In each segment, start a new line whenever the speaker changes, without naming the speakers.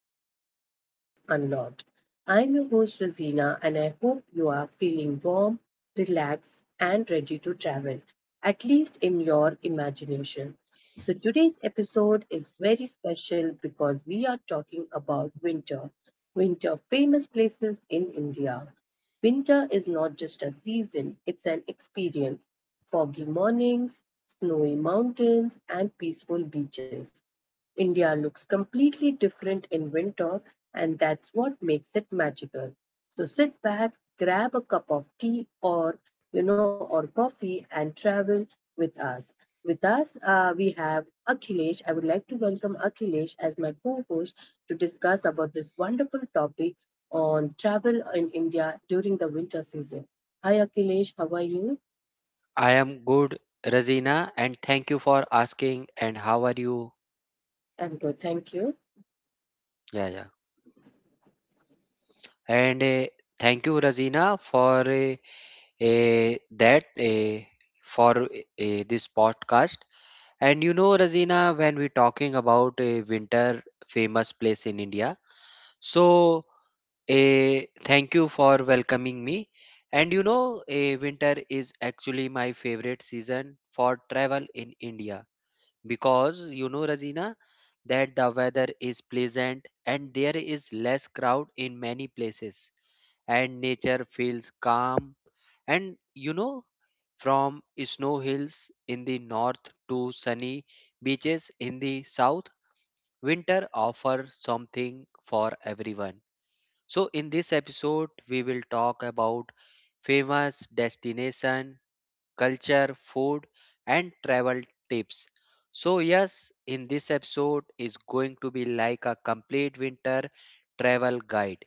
to the Mind Space Unlocked. I'm your host, Rosina, and I hope you are feeling warm, relaxed, and ready to travel, at least in your imagination. So, today's episode is very special because we are talking about winter famous places in India. Winter is not just a season, it's an experience. Foggy mornings, snowy mountains, and peaceful beaches. India looks completely different in winter, and that's what makes it magical. So sit back, grab a cup of tea or you know or coffee, and travel with us. With us, we have Akhilesh. I would like to welcome Akhilesh as my co-host to discuss about this wonderful topic on travel in India during the winter season. Hi, Akhilesh. How are you?
I am good, Razina, and thank you for asking. And how are you?
I'm good. Thank you.
Yeah, yeah. And thank you, Razina, for that for this podcast. And you know, Razina, when we're talking about a winter famous place in India, so uh, thank you for welcoming me. And you know, a winter is actually my favorite season for travel in India because you know Rajina that the weather is pleasant and there is less crowd in many places, and nature feels calm. And you know, from snow hills in the north to sunny beaches in the south, winter offers something for everyone. So in this episode we will talk about famous destination, culture, food, and travel tips. So, yes, in this episode is going to be like a complete winter travel guide,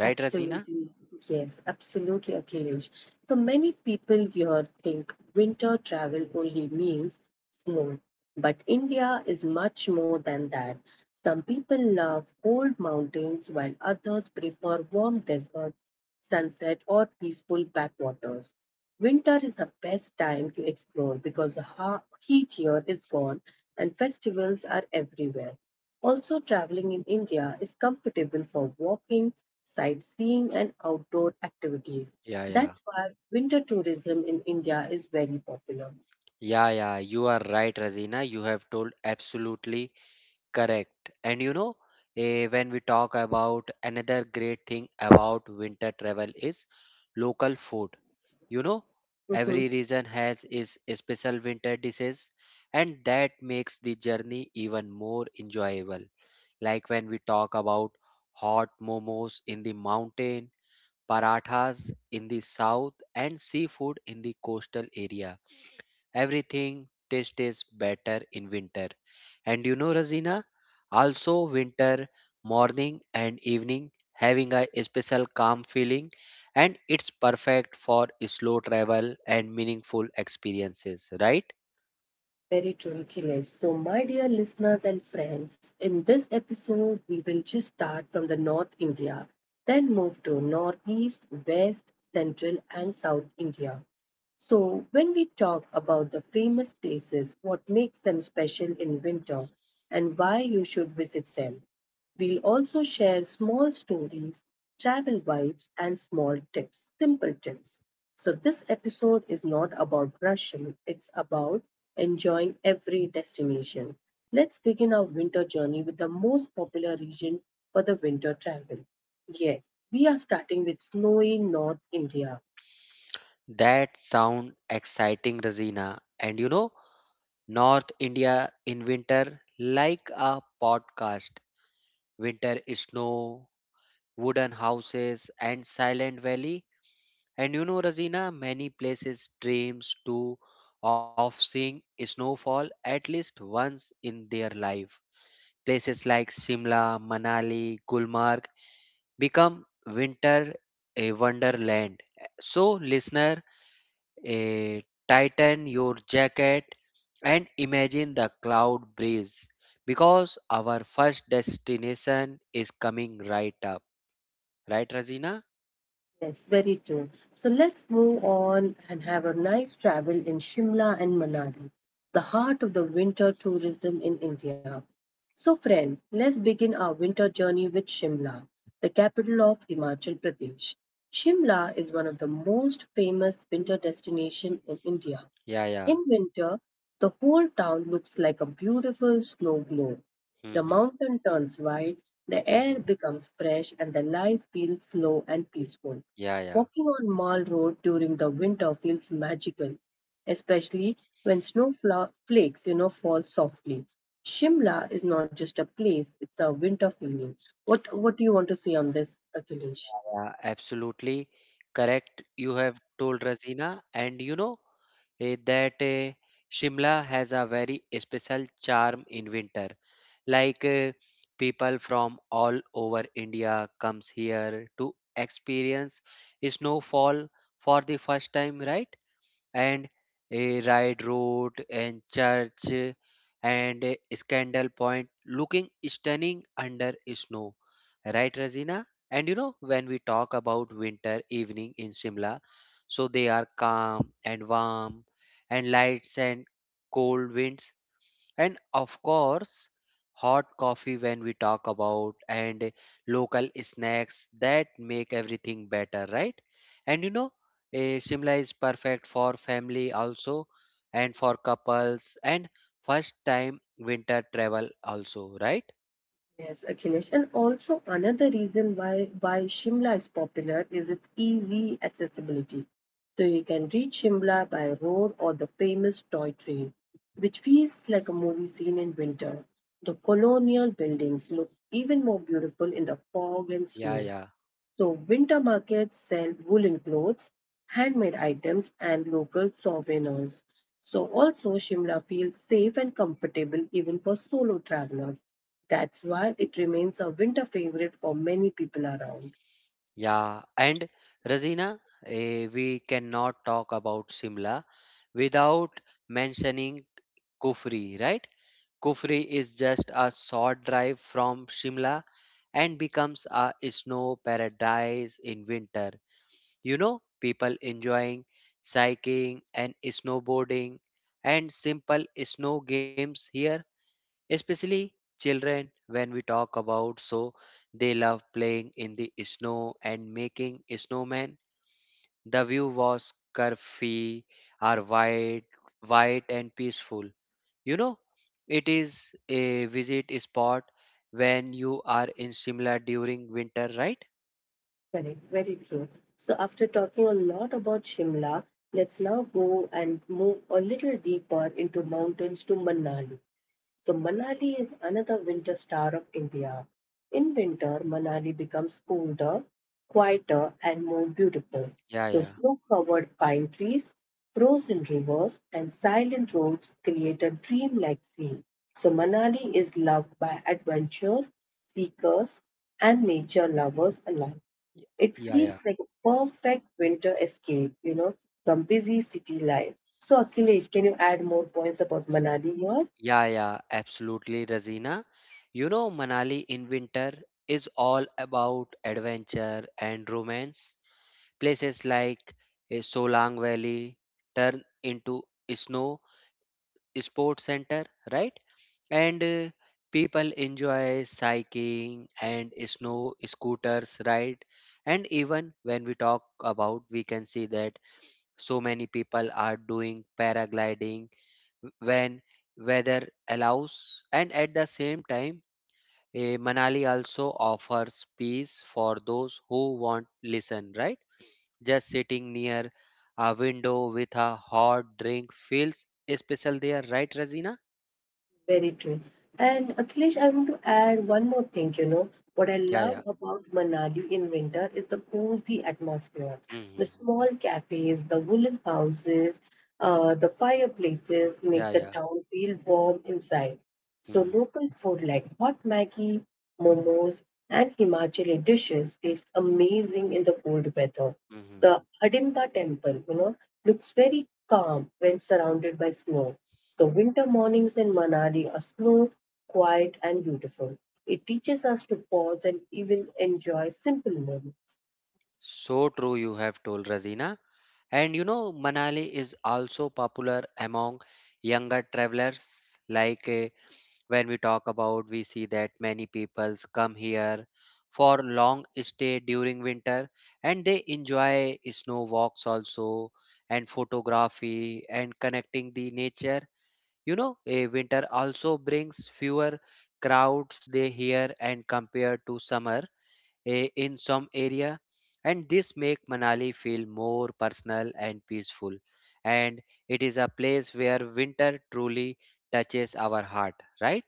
right, Razina?
Absolutely. Yes, absolutely, Akhilesh. So many people here think winter travel only means snow, but India is much more than that. Some people love cold mountains while others prefer warm desert, sunset, or peaceful backwaters. Winter is the best time to explore because the heat here is gone and festivals are everywhere. Also, traveling in India is comfortable for walking, sightseeing, and outdoor activities.
Yeah, yeah.
That's why winter tourism in India is very popular.
Yeah, yeah, you are right, Razina. You have told absolutely correct. And you know, when we talk about another great thing about winter travel is local food. You know,
Mm-hmm.
every region has its special winter dishes, and that makes the journey even more enjoyable. Like when we talk about hot momos in the mountain, parathas in the south, and seafood in the coastal area. Everything tastes better in winter. And you know, Razina, also winter morning and evening having a special calm feeling, and it's perfect for slow travel and meaningful experiences, right?
Very true, Akhilesh. So, my dear listeners and friends, in this episode, we will just start from the North India, then move to Northeast, West, Central, and South India. So, when we talk about the famous places, what makes them special in winter, and why you should visit them, we'll also share small stories, travel vibes, and small tips, simple tips. So, this episode is not about rushing, it's about enjoying every destination. Let's begin our winter journey with the most popular region for the winter travel. Yes, we are starting with snowy North India.
That sound exciting, Razina. And you know, North India in winter, like a podcast. Winter snow, wooden houses, and silent valley. And you know, Razina, many places dreams too of seeing snowfall at least once in their life. Places like Shimla, Manali, Gulmarg become winter a wonderland. So, listener, eh, tighten your jacket and imagine the cloud breeze because our first destination is coming right up. Right, Razina?
Yes, very true. So let's move on and have a nice travel in Shimla and Manali, the heart of the winter tourism in India. So, friends, let's begin our winter journey with Shimla, the capital of Himachal Pradesh. Shimla is one of the most famous winter destinations in India.
Yeah, yeah.
In winter, the whole town looks like a beautiful snow globe.
hmm
The
hmm
mountain turns white, the
hmm, hmm.
air becomes fresh, and the life feels slow and peaceful.
Yeah, yeah.
Walking on Mall Road during the winter feels magical, especially when snow flakes, fall softly. Shimla is not just a place; it's a winter feeling. What do you want to say on this, Akhilesh?
Yeah, absolutely correct. You have told Razina, and you know, eh, that eh, Shimla has a very special charm in winter. Like people from all over India comes here to experience snowfall for the first time, right? And a ride road and church, and a scandal point looking stunning under snow, right Razina? And you know, when we talk about winter evening in Shimla, so they are calm and warm, and lights and cold winds, and of course hot coffee when we talk about, and local snacks that make everything better, right? And you know, Shimla is perfect for family also, and for couples, and first time winter travel also, right?
Yes, Akhilesh. And also another reason why Shimla is popular is its easy accessibility. So you can reach Shimla by road or the famous toy train, which feels like a movie scene in winter. The colonial buildings look even more beautiful in the fog and
yeah
snow.
yeah
So, winter markets sell woolen clothes, handmade items, and local souvenirs. So, also, Shimla feels safe and comfortable even for solo travelers. That's why it remains a winter favorite for many people around.
yeah and Razina, we cannot talk about Simla without mentioning Kufri, right? Kufri is just a short drive from Shimla and becomes a snow paradise in winter. You know, people enjoying cycling and snowboarding and simple snow games here, especially children when we talk about, so they love playing in the snow and making snowmen. The view was curvy or wide, white and peaceful. You know, it is a visit spot when you are in Shimla during winter, right?
Correct, very true. So, after talking a lot about Shimla, let's now go and move a little deeper into mountains to Manali. So Manali is another winter star of India. In winter, Manali becomes colder, quieter, and more beautiful.
Yeah,
So
yeah.
snow-covered pine trees, frozen rivers, and silent roads create a dreamlike scene. So Manali is loved by adventurers, seekers, and nature lovers alike.
Y-
It
yeah, yeah,
feels like a perfect winter escape, from busy city life. So Akhilesh, can you add more points about Manali here?
yeah, yeah, absolutely Razina. You know, Manali in winter is all about adventure and romance. Places like a Solang Valley turn into a snow sports center, right? And people enjoy cycling and snow scooters ride. And even when we talk about, we can see that so many people are doing paragliding when weather allows. And at the same time, Manali also offers peace for those who want listen, right? Just sitting near a window with a hot drink feels special there, right Razina?
Very true. And Akhilesh, I want to add one more thing. What I
Yeah, yeah.
love about Manali in winter is the cozy atmosphere. The
Hmm.
small cafes, the woolen houses, the fireplaces make
Yeah,
the
yeah.
town feel warm inside. So
Hmm.
local food like hot Maggi, momos, and Himachali dishes tastes amazing in the cold weather.
Mhm.
The Hidimba temple, looks very calm when surrounded by snow. The winter mornings in Manali are slow, quiet, and beautiful. It teaches us to pause and even enjoy simple moments.
So true, you have told Razina. And you know, Manali is also popular among younger travelers. Like when we talk about, we see that many peoples come here for long stay during winter, and they enjoy snow walks also, and photography and connecting the nature. You know, a winter also brings fewer crowds they here and compared to summer, in some area, and this make Manali feel more personal and peaceful. And it is a place where winter truly touches our heart, right?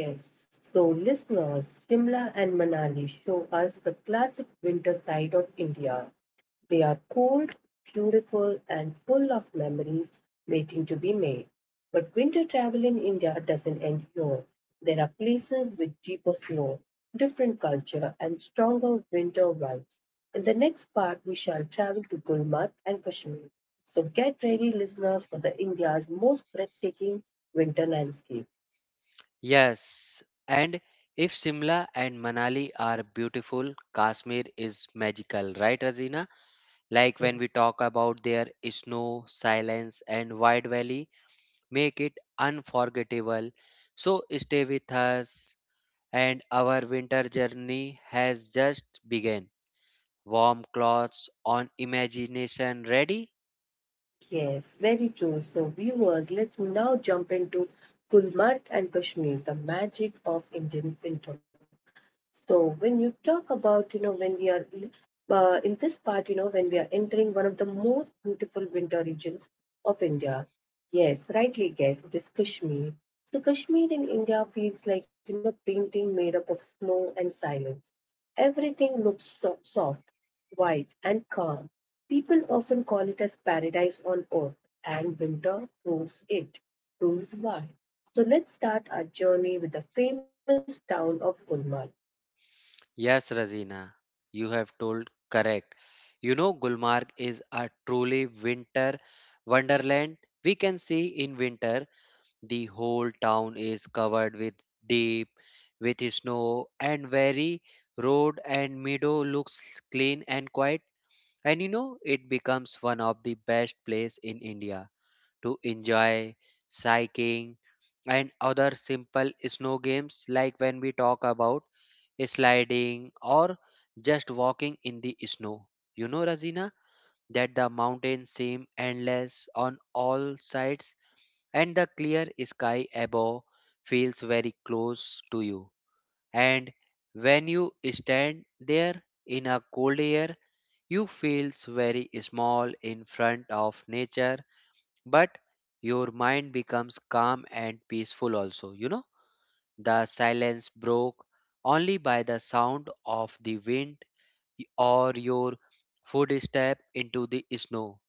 Yes. So, listeners, Shimla and Manali show us the classic winter side of India. They are cold, beautiful, and full of memories waiting to be made. But winter travel in India doesn't end here. There are places with deeper snow, different culture, and stronger winter vibes. In the next part, we shall travel to Gulmarg and Kashmir. So get ready, listeners, for the India's most breathtaking winter landscape.
Yes. And if Simla and Manali are beautiful, Kashmir is magical, right Razina? Like when we
Yes.
talk about their snow silence and wide valley, make it unforgettable. So stay with us, and our winter journey has just begun. Warm clothes on, imagination ready.
Yes, very true. So, viewers, let's now jump into Gulmarg and Kashmir, the magic of Indian winter. So, when you talk about, when we are in this part, when we are entering one of the most beautiful winter regions of India. Yes, rightly guessed, it is Kashmir. So, Kashmir in India feels like, painting made up of snow and silence. Everything looks soft, white, and calm. People often call it as paradise on earth, and winter proves it, proves why. So let's start our journey with the famous town of Gulmarg.
Yes Razina, you have told correct. You know, Gulmarg is a truly winter wonderland. We can see in winter the whole town is covered with deep with snow, and very road and meadow looks clean and quiet. And you know, it becomes one of the best place in India to enjoy cycling and other simple snow games, like when we talk about sliding or just walking in the snow. You know, Razina, that the mountains seem endless on all sides, and the clear sky above feels very close to you. And when you stand there in a cold air, you feels very small in front of nature, but your mind becomes calm and peaceful also. You know, the silence broke only by the sound of the wind or your footstep into the snow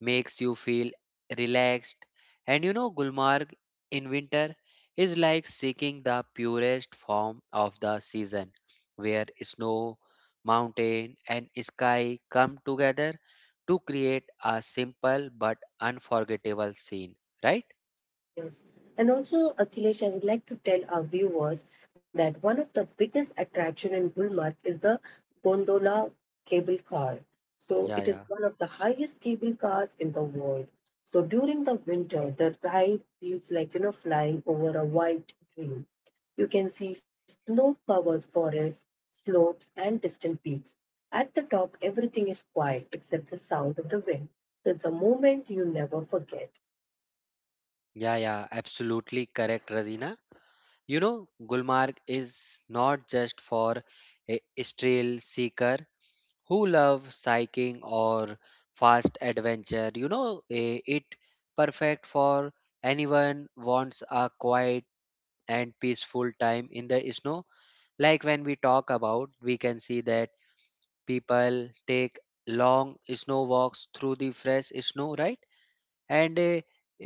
makes you feel relaxed. And you know, Gulmarg in winter is like seeking the purest form of the season, where snow, mountain, and sky come together to create a simple but unforgettable scene, right?
Yes. And also, Akhilesh, I would like to tell our viewers that one of the biggest attraction in Gulmarg is the gondola cable car. So it
Yeah,
is
yeah,
one of the highest cable cars in the world. So during the winter, the ride feels like, flying over a white dream. You can see snow-covered forests, slopes, and distant peaks. At the top, everything is quiet except the sound of the wind. So it's a moment you never forget.
yeah, yeah, absolutely correct, Razina. You know, Gulmarg is not just for a thrill seeker, who love cycling or fast adventure. You know, it perfect for anyone wants a quiet and peaceful time in the snow. Like when we talk about, we can see that people take long snow walks through the fresh snow, right? And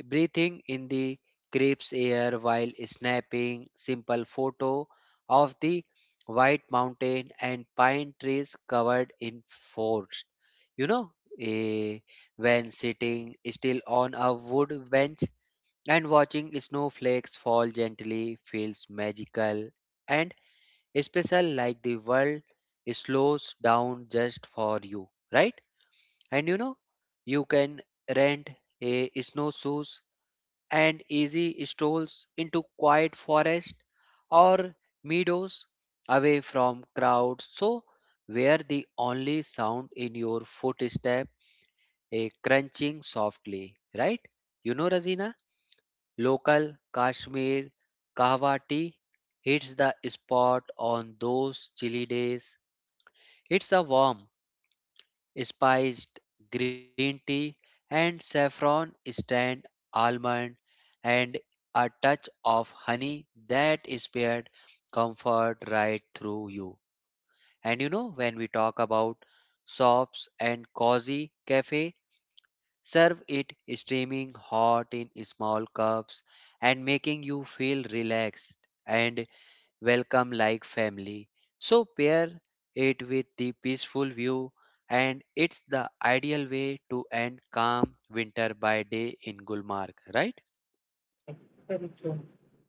breathing in the crisp air while snapping simple photo of the white mountain and pine trees covered in forest. You know, eh, when sitting still on a wood bench and watching snowflakes fall gently feels magical and special, like the world slows down just for you, right? And you know, you can rent a snowshoes and easy strolls into quiet forest or meadows away from crowds, so where the only sound in your footstep a crunching softly, right? You know Razina, local Kashmir kahwa tea hits the spot on those chilly days. It's a warm spiced green tea and saffron stand, almond, and a touch of honey that is paired comfort right through you. And you know, when we talk about shops and cozy cafe serve it steaming hot in small cups, and making you feel relaxed and welcome like family. So pair it with the peaceful view, and it's the ideal way to end calm winter by day in Gulmarg, right?
Very true.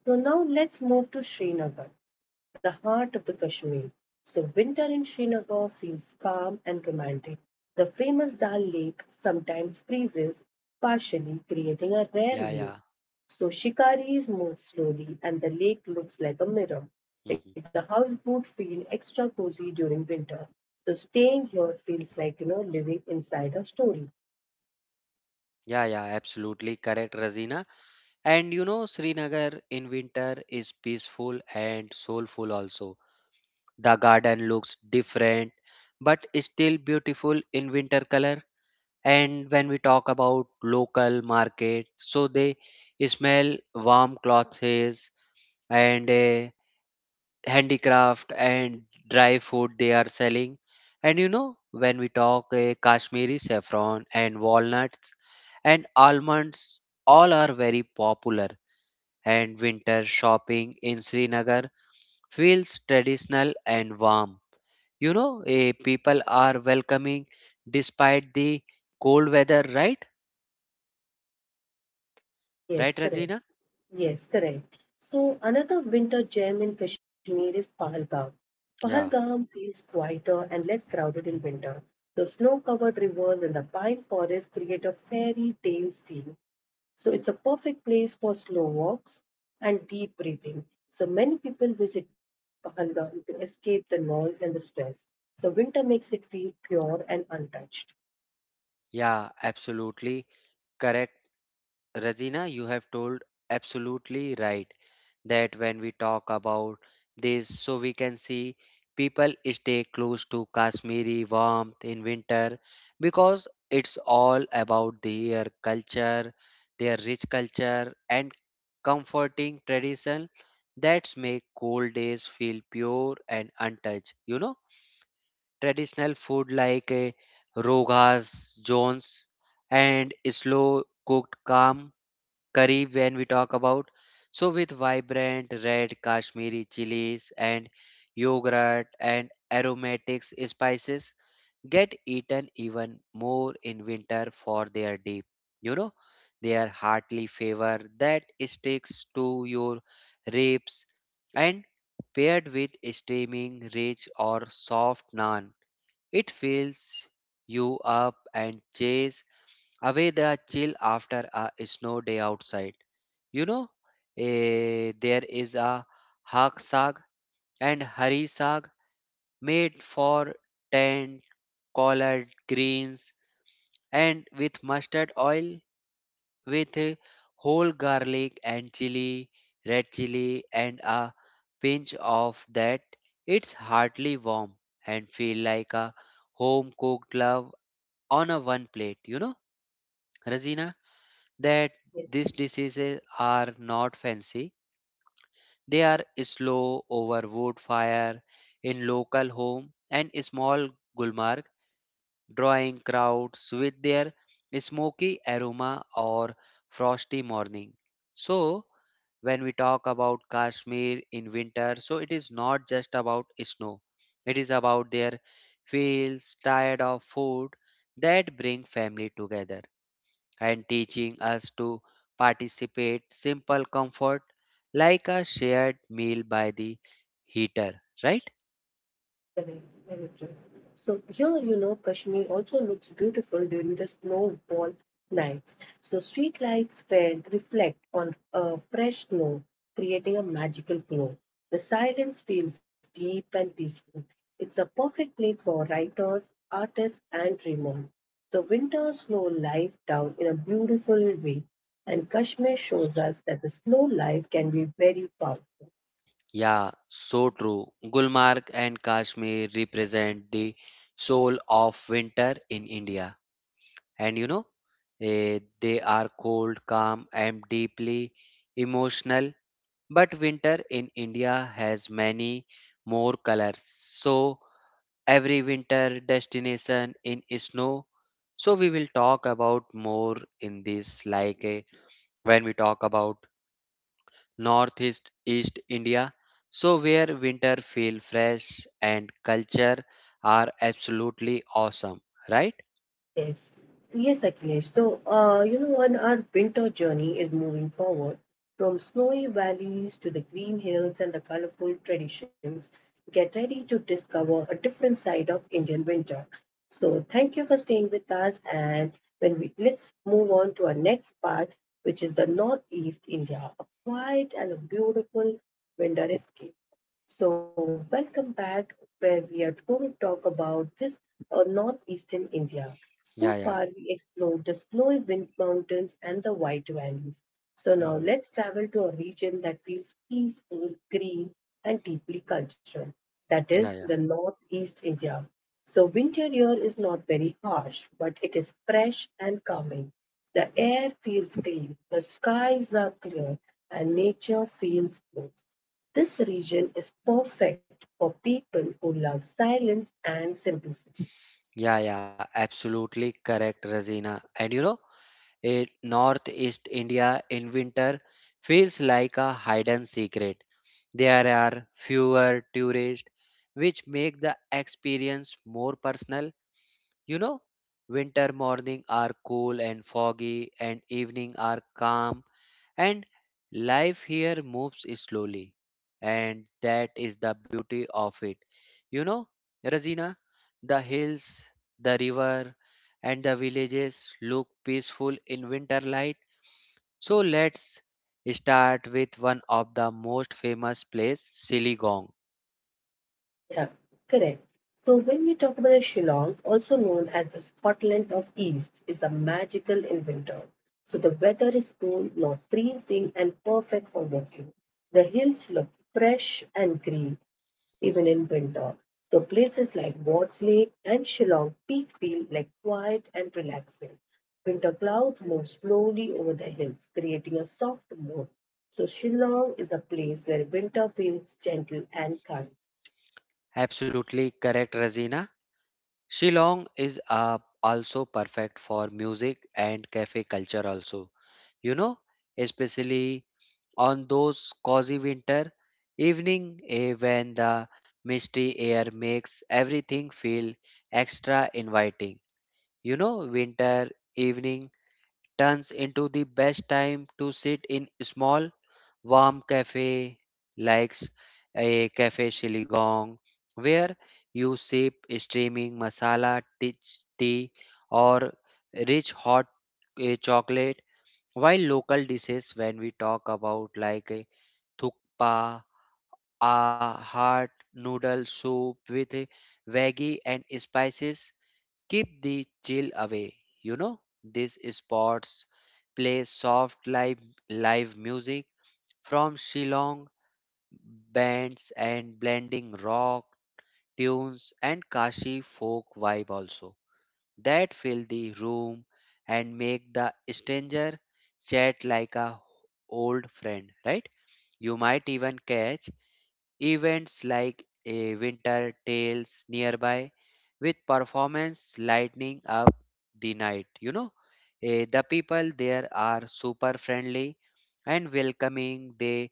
So now let's move to Srinagar, the heart of the Kashmir. So winter in Srinagar feels calm and romantic. The famous Dal Lake sometimes freezes, partially creating a rare
Yeah,
view.
yeah.
So shikaris move slowly and the lake looks like a mirror. Like the
Mhm.
houseboat feel extra cozy during winter. So staying here feels like living inside a story.
Yeah, yeah, absolutely correct, Razina. And you know, Srinagar in winter is peaceful and soulful also. The garden looks different, but is still beautiful in winter color. And when we talk about local market, so they smell warm clothes and handicraft and dry food they are selling. And you know, when we talk Kashmiri saffron and walnuts and almonds, all are very popular. And winter shopping in Srinagar feels traditional and warm. You know, people are welcoming despite the cold weather, right?
Yes,
Right,
correct.
Razina?
Yes, correct. So another winter gem in Kashmir is Pahalgam.
Yeah,
Pahalgam feels quieter and less crowded in winter. The snow-covered rivers and the pine forests create a fairy tale scene. So it's a perfect place for slow walks and deep breathing. So many people visit Pahalgam to escape the noise and the stress. So winter makes it feel pure and untouched.
yeah, absolutely correct. Rajina, you have told absolutely right that when we talk about this, so we can see people stay close to Kashmiri warmth in winter because it's all about their culture, their rich culture, and comforting tradition that make cold days feel pure and untouched. You know, traditional food like rogas, jones, and slow cooked calm curry when we talk about. So with vibrant red Kashmiri chilies and yogurt and aromatic spices get eaten even more in winter for their deep, you know, their heartily flavor that sticks to your ribs, and paired with steaming rich or soft naan, it fills you up and chase away the chill after a snow day outside. You know, there is a hak saag and hari saag made for tent, collard greens, and with mustard oil, with whole garlic and chili, red chili, and a pinch of that. It's heartily warm and feel like a home cooked love on a one plate. You know Razina, that
Yes.
these diseases are not fancy, they are slow over wood fire in local home, and small Gulmarg drawing crowds with their smoky aroma or frosty morning. So when we talk about Kashmir in winter, so it is not just about snow. It is about their fields, tired of food that bring family together, and teaching us to participate simple comfort like a shared meal by the heater, right?
Correct, very true. So here, Kashmir also looks beautiful during the snowfall nights. So street lights fade, reflect on fresh snow, creating a magical glow. The silence feels deep and peaceful. It's a perfect place for writers, artists, and dreamers. The winter snow life down in a beautiful way, and Kashmir shows us that the slow life can be very powerful.
Yeah, so true. Gulmarg and Kashmir represent the soul of winter in India. And you know, they are cold, calm and deeply emotional, but winter in India has many more colors. So every winter destination in snow. So we will talk about more in this when we talk about northeast east India. So where winter feel fresh and culture are absolutely awesome, right?
Yes. Yes, Akhilesh. So, when our winter journey is moving forward from snowy valleys to the green hills and the colorful traditions, get ready to discover a different side of Indian winter. So, thank you for staying with us. And when we let's move on to our next part, which is the Northeast India, a quiet and a beautiful winter escape. So, welcome back, where we are going to talk about this northeastern India. So
Yeah,
far,
yeah.
we explored the snowy wind mountains and the white valleys. So, now
Mhm.
let's travel to a region that feels peaceful, green, and deeply cultural. That is
Yeah,
the
yeah.
northeast India. So, winter here is not very harsh, but it is fresh and calming. The air feels clean, the skies are clear, and nature feels smooth. This region is perfect for people who love silence and simplicity.
Yeah, yeah. Absolutely correct, Razina. And you know, a northeast India in winter feels like a hidden secret. There are fewer tourists, which make the experience more personal. You know, winter morning are cool and foggy, and evening are calm, and life here moves slowly. And that is the beauty of it. You know, Razina, the hills, the river, and the villages look peaceful in winter light. So let's start with one of the most famous place, Siligong.
Yeah, correct. So when we talk about Shillong, also known as the Scotland of East, is a magical in winter. So the weather is cool, not freezing, and perfect for walking. The hills look fresh and green even in winter. So places like Watts Lake and Shillong Peak feel like quiet and relaxing. Winter clouds move slowly over the hills, creating a soft mood. So Shillong is a place where winter feels gentle and kind.
Absolutely correct, Razina. Shillong is also perfect for music and cafe culture also. You know, especially on those cozy winter evening when the misty air makes everything feel extra inviting. You know, winter evening turns into the best time to sit in small, warm cafe like a cafe Siligong, where you sip steaming masala tea or rich hot chocolate. While local dishes, when we talk about thukpa, a hot noodle soup with veggie and spices, keep the chill away, you know. These spots play soft live music from Shillong bands and blending rock tunes and Kashi folk vibe also that fill the room and make the stranger chat like a old friend, right? You might even catch events like a winter tales nearby with performance lighting up the night. You know, The people there are super friendly and welcoming. They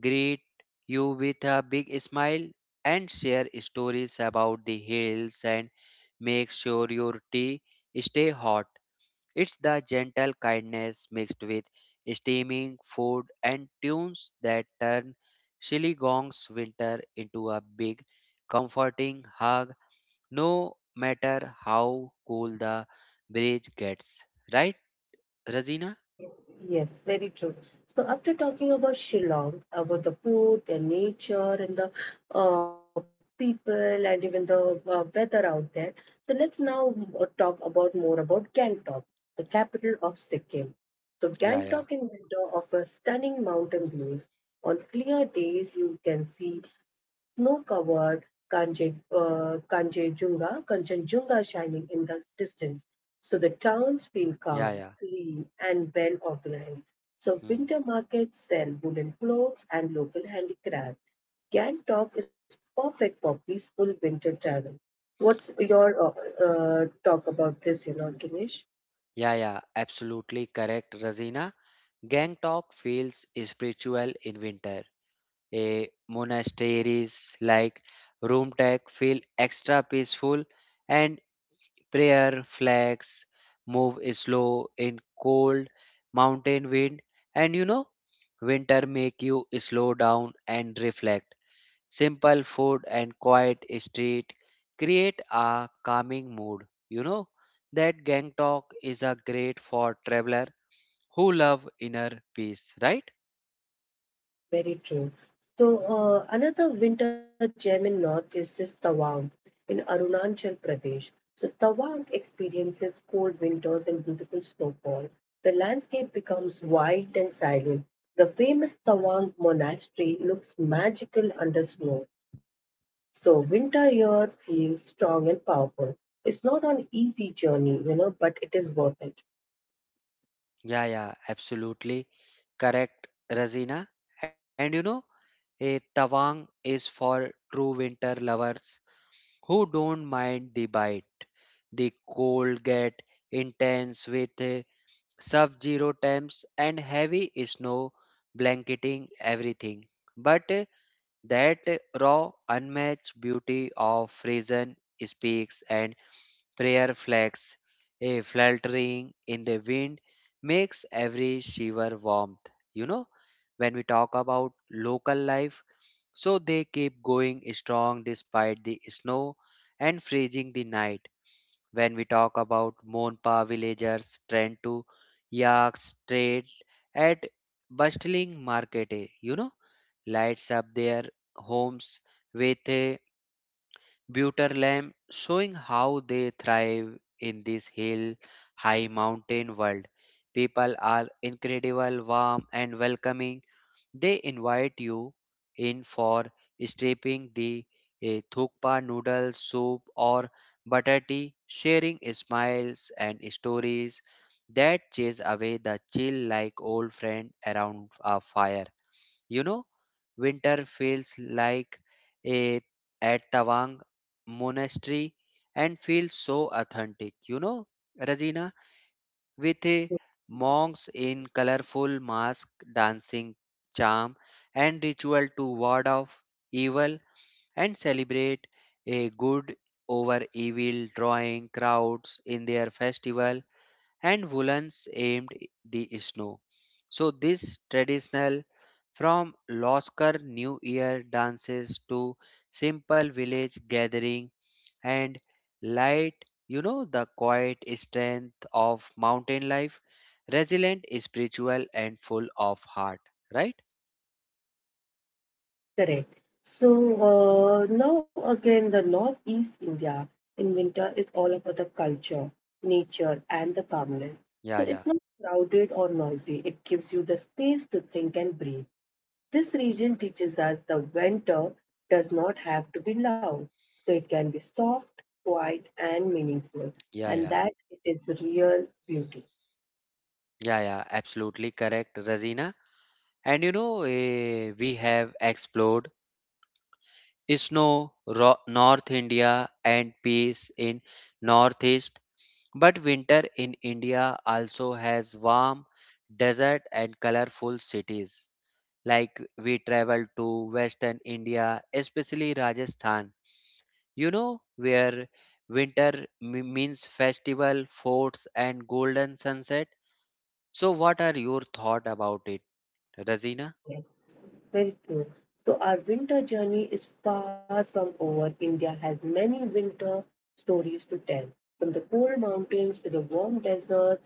greet you with a big smile and share stories about the hills and make sure your tea stay hot. It's the gentle kindness mixed with steaming food and tunes that turn Chittagong's winter into a big, comforting hug, no matter how cool the bridge gets. Right, Razina?
Yes, very true. So after talking about Shillong, about the food, the nature, and the people, and even the weather out there, so let's now talk about more about Gangtok, the capital of Sikkim. So
Yeah,
Gangtok in
yeah,
winter offers stunning mountain views. On clear days, you can see snow-covered Kanchenjunga shining in the distance. So the towns feel
yeah,
calm,
yeah.
clean, and well organized. So
Hmm.
winter markets sell woolen clothes and local handicraft. Gangtok is perfect for peaceful winter travel. What's your talk about this, Ganesh?
Yeah, yeah, absolutely correct, Razina. Gangtok feels spiritual in winter. A monasteries like Roomtek feel extra peaceful and prayer flags move slow in cold mountain wind, and you know, winter make you slow down and reflect. Simple food and quiet street create a calming mood, you know, that gangtok is a great for traveler who love inner peace, right?
Very true. So, another winter gem in North is this Tawang in Arunachal Pradesh. So, Tawang experiences cold winters and beautiful snowfall. The landscape becomes white and silent. The famous Tawang monastery looks magical under snow. So, winter here feels strong and powerful. It's not an easy journey, but it is worth it.
Yeah, yeah, absolutely correct, Razina. And you know, a tawang is for true winter lovers who don't mind the bite. The cold get intense with sub zero temps and heavy snow blanketing everything. But that raw, unmatched beauty of frozen speaks and prayer flags, a fluttering in the wind, makes every shiver warmth. You know, when we talk about local life, so they keep going strong despite the snow and freezing the night. When we talk about Monpa villagers tend to yak trade at bustling market, you know, lights up their homes with a butter lamp, showing how they thrive in this hill high mountain world. People are incredible, warm and welcoming. They invite you in for steeping the thukpa noodle soup or butter tea, sharing smiles and stories that chase away the chill like old friend around a fire. You know, winter feels like a at Tawang monastery and feels so authentic. You know, Razina, with a monks in colorful masks dancing charm and ritual to ward off evil and celebrate a good over evil drawing crowds in their festival and woolens aimed the snow, so this traditional from loskar new year dances to simple village gathering and light, you know, the quiet strength of mountain life, resilient spiritual and full of heart, right?
Yes, correct. So now again, the Northeast India in winter is all about the culture, nature, and the calmness.
Yeah,
So
yeah,
it's not crowded or noisy. It gives you the space to think and breathe. This region teaches us the winter does not have to be loud. So it can be soft, quiet, and meaningful.
yeah,
And
yeah,
that it is real beauty.
yeah, yeah, absolutely correct, Razina. And you know, we have explored north india and peace in northeast. But winter in India also has warm, desert, and colorful cities. Like we travel to western India, especially Rajasthan, you know, where winter means festival, forts, and golden sunset. So, what are your thought about it, Razina?
Yes, very true. So our winter journey is far from over. India has many winter stories to tell, from the cold mountains to the warm deserts.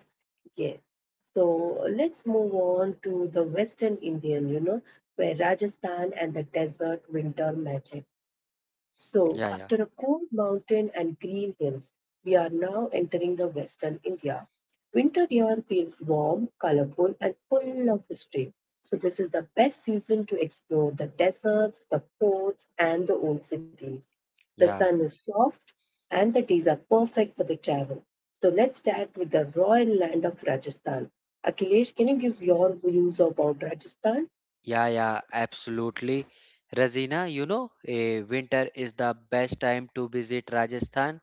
Yes. So let's move on to the Western Indian, you know, where Rajasthan and the desert winter magic. So,
Yeah, yeah,
after a cold mountain and green hills, we are now entering the Western India. Winter here feels warm, colorful, and full of history. So, this is the best season to explore the deserts, the forts, and the old cities. The sun
yeah,
is soft, and the days are perfect for the travel. So, let's start with the royal land of Rajasthan. Akhilesh, can you give your views about Rajasthan?
yeah, yeah, absolutely. Razina, you know, winter is the best time to visit Rajasthan,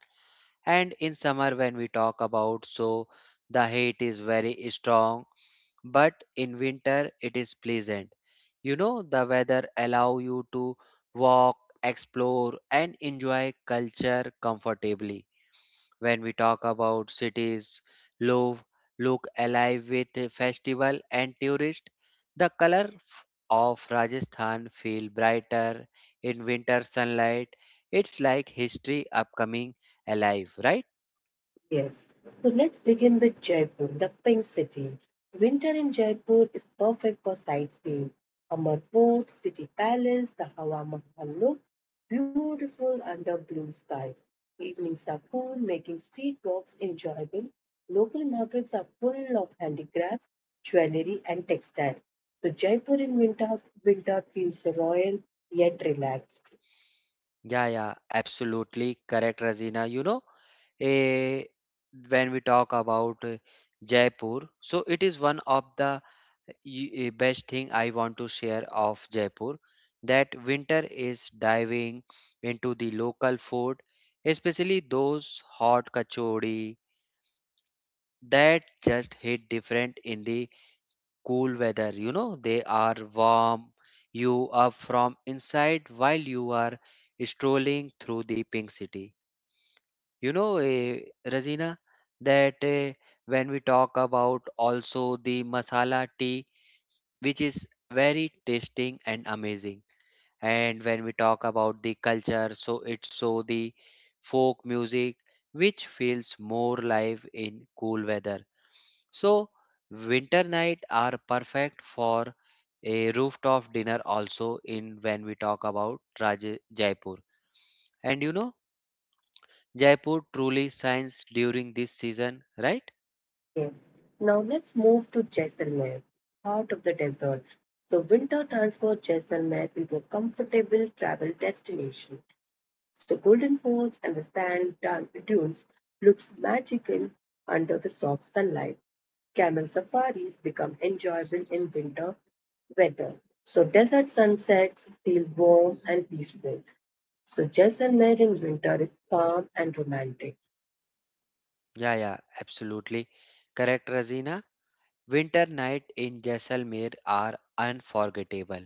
and in summer when we talk about, so the heat is very strong, but in winter it is pleasant. You know, the weather allow you to walk, explore and enjoy culture comfortably. When we talk about cities love, look alive with a festival and tourist, the of rajasthan feel brighter in winter sunlight. It's like history upcoming alive, right?
Yes. So let's begin with Jaipur, the pink city. Winter in Jaipur is perfect for sightseeing. Amar Fort, City Palace, the Hawa Mahal look beautiful under blue skies. Evenings are cool, making street walks enjoyable. Local markets are full of handicrafts, jewelry, and textiles. So Jaipur in winter, winter feels royal yet relaxed.
Yeah, yeah, absolutely correct, Razina. You know, eh, when we talk about Jaipur, so it is one of the best thing I want to share of Jaipur that winter is diving into the local food, especially those hot kachori that just hit different in the cool weather. You know, they are warm you up from inside while you are strolling through the pink city. You know, Razina, that when we talk about also the masala tea, which is very tasting and amazing. And when we talk about the culture, so it's so the folk music, which feels more live in cool weather. So, winter night are perfect for a rooftop dinner also in when we talk about Jaipur. And you know, Jaipur truly shines during this season, right?
Yes. Now let's move to Jaisalmer, heart of the desert. So winter transformed Jaisalmer into a comfortable travel destination. So Golden Forts and the dunes looks magical under the soft sunlight. Camel safaris become enjoyable in winter weather. So desert sunsets feel warm and peaceful. So Jaisalmer in winter is calm and romantic.
Yeah, yeah, absolutely. Correct, Razina. Winter night in Jaisalmer are unforgettable.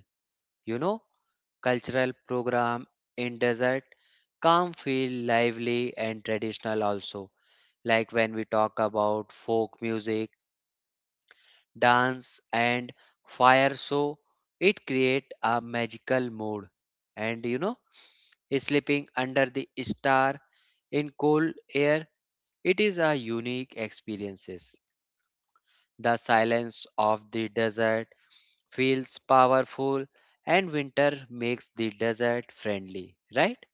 You know, cultural program in desert, calm feel lively and traditional also. Like when we talk about folk music dance and fire, so it create a magical mood. And you know, sleeping under the star in cold air, it is a unique experiences. The silence of the desert feels powerful, and winter makes the desert friendly, right?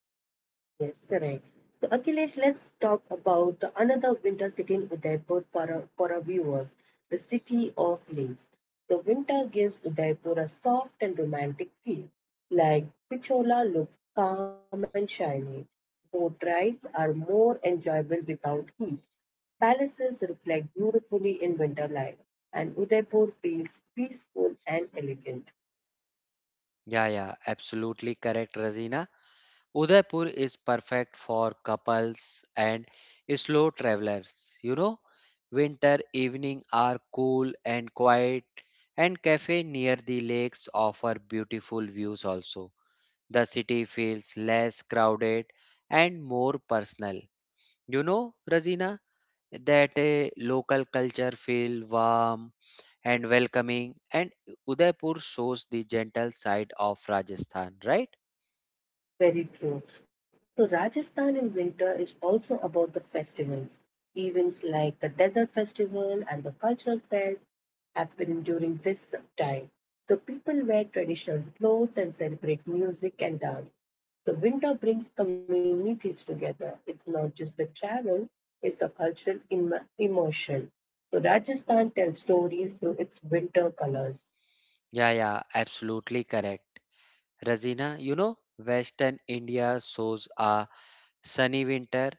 Yes, correct. So Akhilesh, let's talk about the another winter city in Udaipur for our viewers, the city of lakes. The winter gives Udaipur a soft and romantic feel. Like Pichola looks calm and shiny. Boat rides are more enjoyable without heat. Palaces reflect beautifully in winter light, and Udaipur feels peaceful and elegant.
Yeah, yeah, absolutely correct, Razina. Udaipur is perfect for couples and slow travelers. You know, winter evening are cool and quiet, and cafe near the lakes offer beautiful views also. The city feels less crowded and more personal. You know, Razina, that a local culture feel warm and welcoming, and Udaipur shows the gentle side of Rajasthan, right?
Very true. So Rajasthan in winter is also about the festivals. Events like the Desert Festival and the Cultural Fairs happen during this time. So people wear traditional clothes and celebrate music and dance. The winter brings communities together. It's not just the travel, it's the emotion. So Rajasthan tells stories through its winter colors.
Yeah, yeah, absolutely correct. Razina, you know, Western India shows a sunny winter,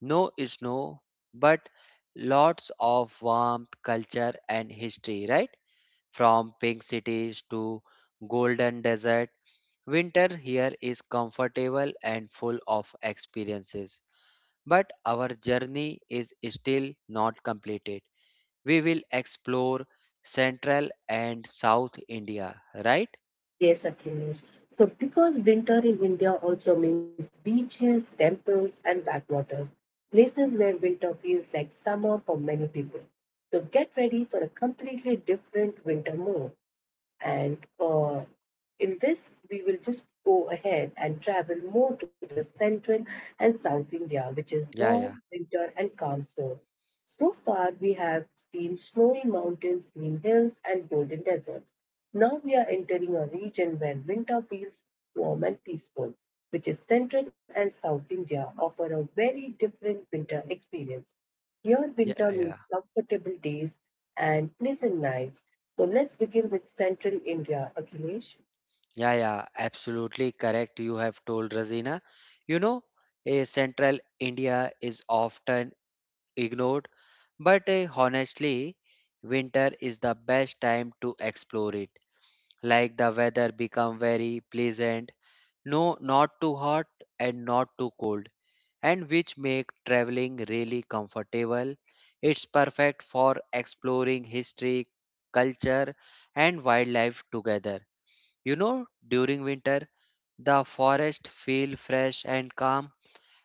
no snow, but lots of warmth, culture, and history, right? From pink cities to golden desert, winter here is comfortable and full of experiences. But our journey is still not completed. We will explore central and south India, right?
Yes, Akhilesh. So, because winter in India also means beaches, temples, and backwaters, places where winter feels like summer for many people. So, get ready for a completely different winter mood. And in this, we will just go ahead and travel more to the central and south India, which is
Yeah,
warm,
yeah,
winter, and calm zone. So far, we have seen snowy mountains, green hills, and golden deserts. Now we are entering a region where winter feels warm and peaceful, which is central and south India offer a very different winter experience. Here,
yeah,
winter
yeah.
means comfortable days and pleasant nights. So let's begin with Central India, Akhilesh.
Yeah, yeah, absolutely correct. You have told Razina. You know, a central India is often ignored, but honestly, winter is the best time to explore it. Like the weather become very pleasant, no, not too hot and not too cold, and which make traveling really comfortable. It's perfect for exploring history, culture, and wildlife together. You know, during winter the forest feel fresh and calm,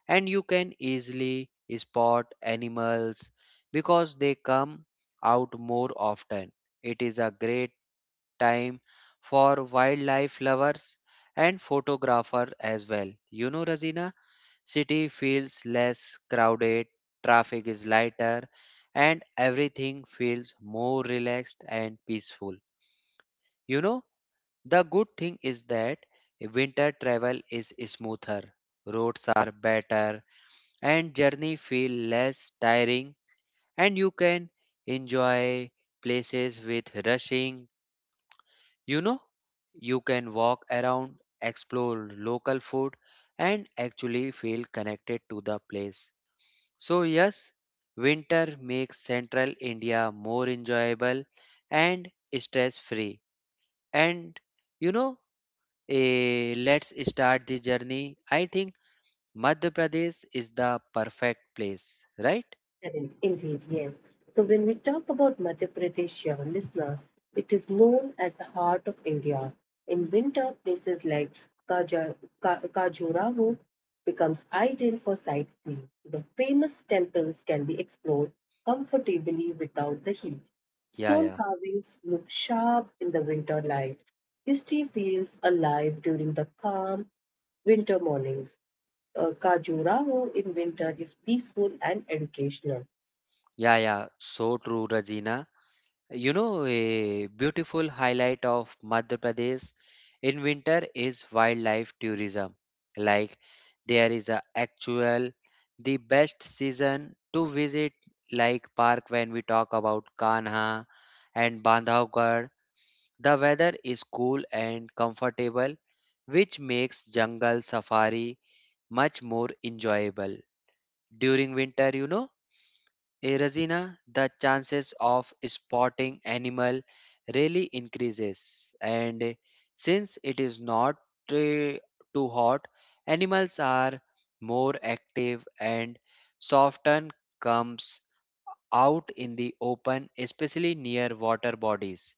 and you can easily spot animals because they come out more often. It is a great time for wildlife lovers and photographer as well. You know, Razina, city feels less crowded, traffic is lighter, and everything feels more relaxed and peaceful. You know, the good thing is that winter travel is smoother, roads are better, and journey feel less tiring, and you can enjoy places with rushing. You know, you can walk around, explore local food, and actually feel connected to the place. So, yes, winter makes central India more enjoyable and stress free. And you know, Let's start the journey. I think Madhya Pradesh is the perfect place, right?
Correct, indeed, yes. So when we talk about Madhya Pradesh, your listeners, it is known as the heart of India. In winter, places like Kaja, Khajuraho becomes ideal for sightseeing. The famous temples can be explored comfortably without the heat.
Yeah,
Stone
yeah,
carvings look sharp in the winter light. History feels alive during the calm Winter mornings. Kajuraho in winter is peaceful and educational.
yeah, yeah. So true, Rajina. You know, a beautiful highlight of Madhya Pradesh in winter is wildlife tourism. Like there is a actual the best season to visit like park when we talk about Kanha and Bandhavgarh. The weather is cool and comfortable, which makes jungle safari much more enjoyable. During winter, you know, Razina, the chances of spotting animal really increases. And since it is not eh, too hot, animals are more active and soften comes out in the open, especially near water bodies.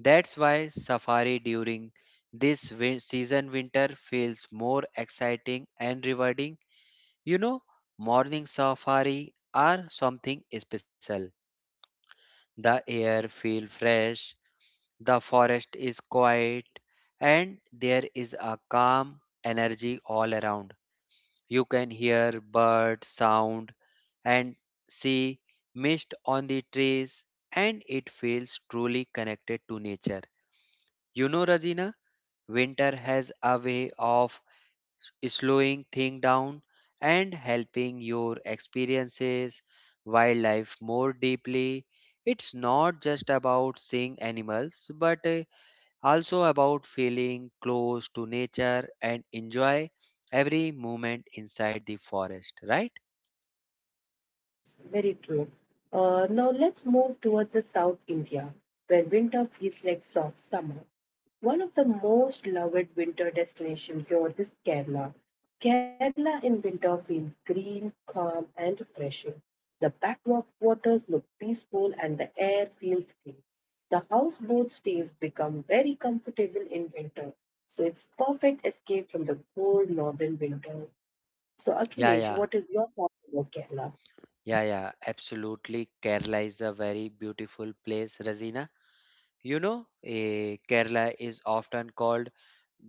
That's why safari during this season winter feels more exciting and rewarding. You know, morning safari are something special. The air feels fresh, the forest is quiet, and there is a calm energy all around. You can hear bird sound and see mist on the trees, and it feels truly connected to nature. You know, Rajina, winter has a way of slowing things down and helping your experiences wildlife more deeply. It's not just about seeing animals, but also about feeling close to nature and enjoy every moment inside the forest, right?
Yes, very true. Now let's move towards the South India, where winter feels like soft summer. One of the most loved winter destinations here is Kerala. Kerala in winter feels green, calm, and refreshing. The backwaters look peaceful and the air feels clean. The houseboat stays become very comfortable in winter, so it's perfect escape from the cold northern winters. So
Yeah,
Akhilesh,
yeah,
what is your thought about Kerala?
yeah, yeah, absolutely. Kerala is a very beautiful place, Razina. You know, Kerala is often called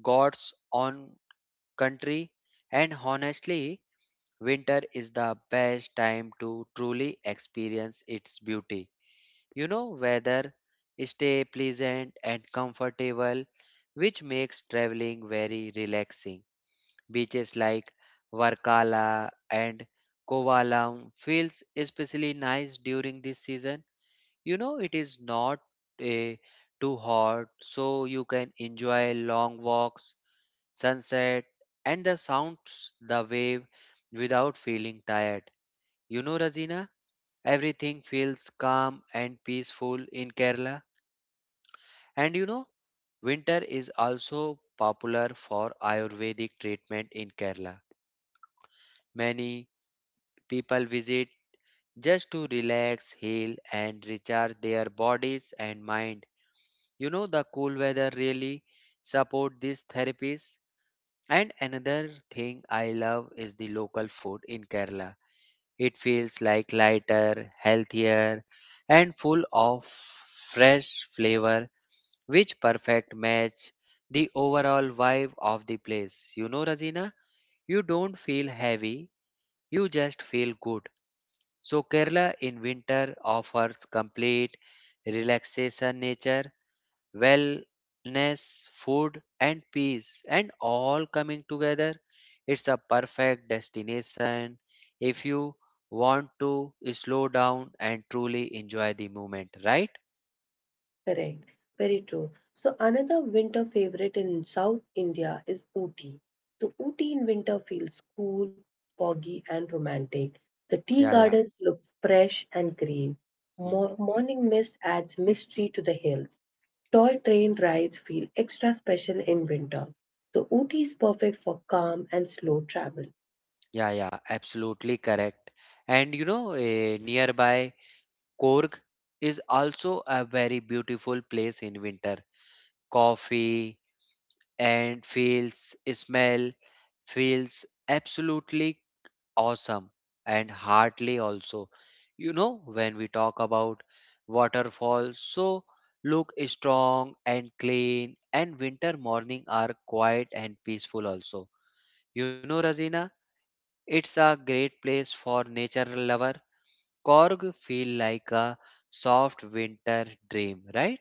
God's own country, and honestly, winter is the best time to truly experience its beauty. You know, weather stay pleasant and comfortable, which makes traveling very relaxing. Beaches like Varkala and Kovalam feels especially nice during this season. You know, it is not eh, too hot, so you can enjoy long walks, sunset, and the sounds, the wave without feeling tired. You know, Razina, everything feels calm and peaceful in Kerala. And you know, winter is also popular for Ayurvedic treatment in Kerala. Many people visit just to relax, heal, and recharge their bodies and mind. You know, the cool weather really support these therapies. And another thing I love is the local food in kerala. It feels like lighter, healthier, and full of fresh flavor, which perfect match the overall vibe of the place. You know, rajina, you don't feel heavy, you just feel good. So kerala in winter offers complete relaxation, nature, wellness, food, and peace, and all coming together. It's a perfect destination if you want to slow down and truly enjoy the moment, right?
Correct. Very true. So another winter favorite in South India is Ooty. So Ooty in winter feels cool, foggy, and romantic. The tea
Yeah, yeah.
gardens look fresh and green.
Mhm.
Morning mist adds mystery to the hills. Toy train rides feel extra special in winter. So Ooty is perfect for calm and slow travel.
Yeah, yeah, absolutely correct. And you know, nearby Korg is also a very beautiful place in winter. Coffee and fields smell feels absolutely awesome and Hartley also. You know, when we talk about waterfalls, so look strong and clean, and winter morning are quiet and peaceful also. You know, Razina, it's a great place for nature lover. Korg feel like a soft winter dream, right?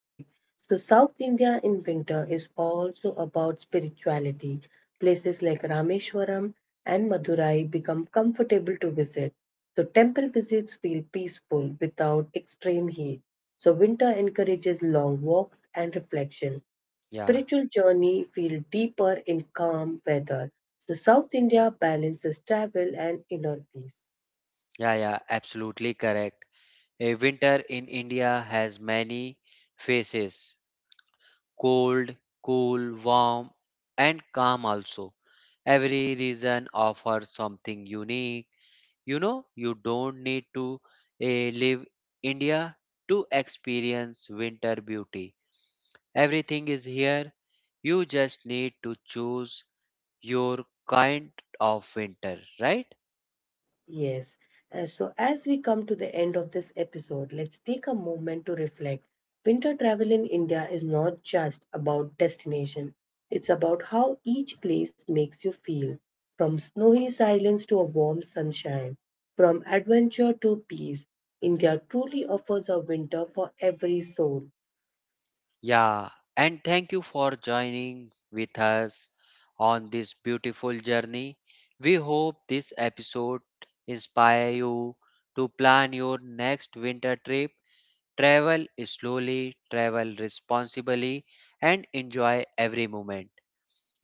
Correct. So, South India in winter is also about spirituality. Places like Rameshwaram and Madurai become comfortable to visit. So, temple visits feel peaceful without extreme heat. So, winter encourages long walks and reflection.
Yeah,
Spiritual journey feel deeper in calm weather. So, South India balances travel and inner peace.
yeah, yeah, absolutely correct. A winter in India has many faces. Cold, cool, warm, and calm also. Every region offers something unique. You know, you don't need to live India to experience winter beauty. Everything is here. You just need to choose your kind of winter, right?
Yes. So, as we come to the end of this episode, let's take a moment to reflect. Winter travel in India is not just about destination, it's about how each place makes you feel from snowy silence to a warm sunshine, from adventure to peace. India truly offers a winter for every soul.
Yeah, and thank you for joining with us on this beautiful journey. We hope this episode inspire you to plan your next winter trip, travel slowly, travel responsibly and enjoy every moment.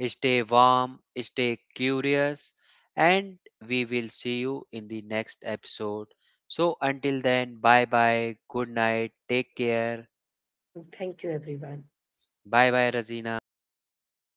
Stay warm, stay curious and we will see you in the next episode. So until then, bye bye, good night, take care.
Thank you, everyone.
Bye bye Razina.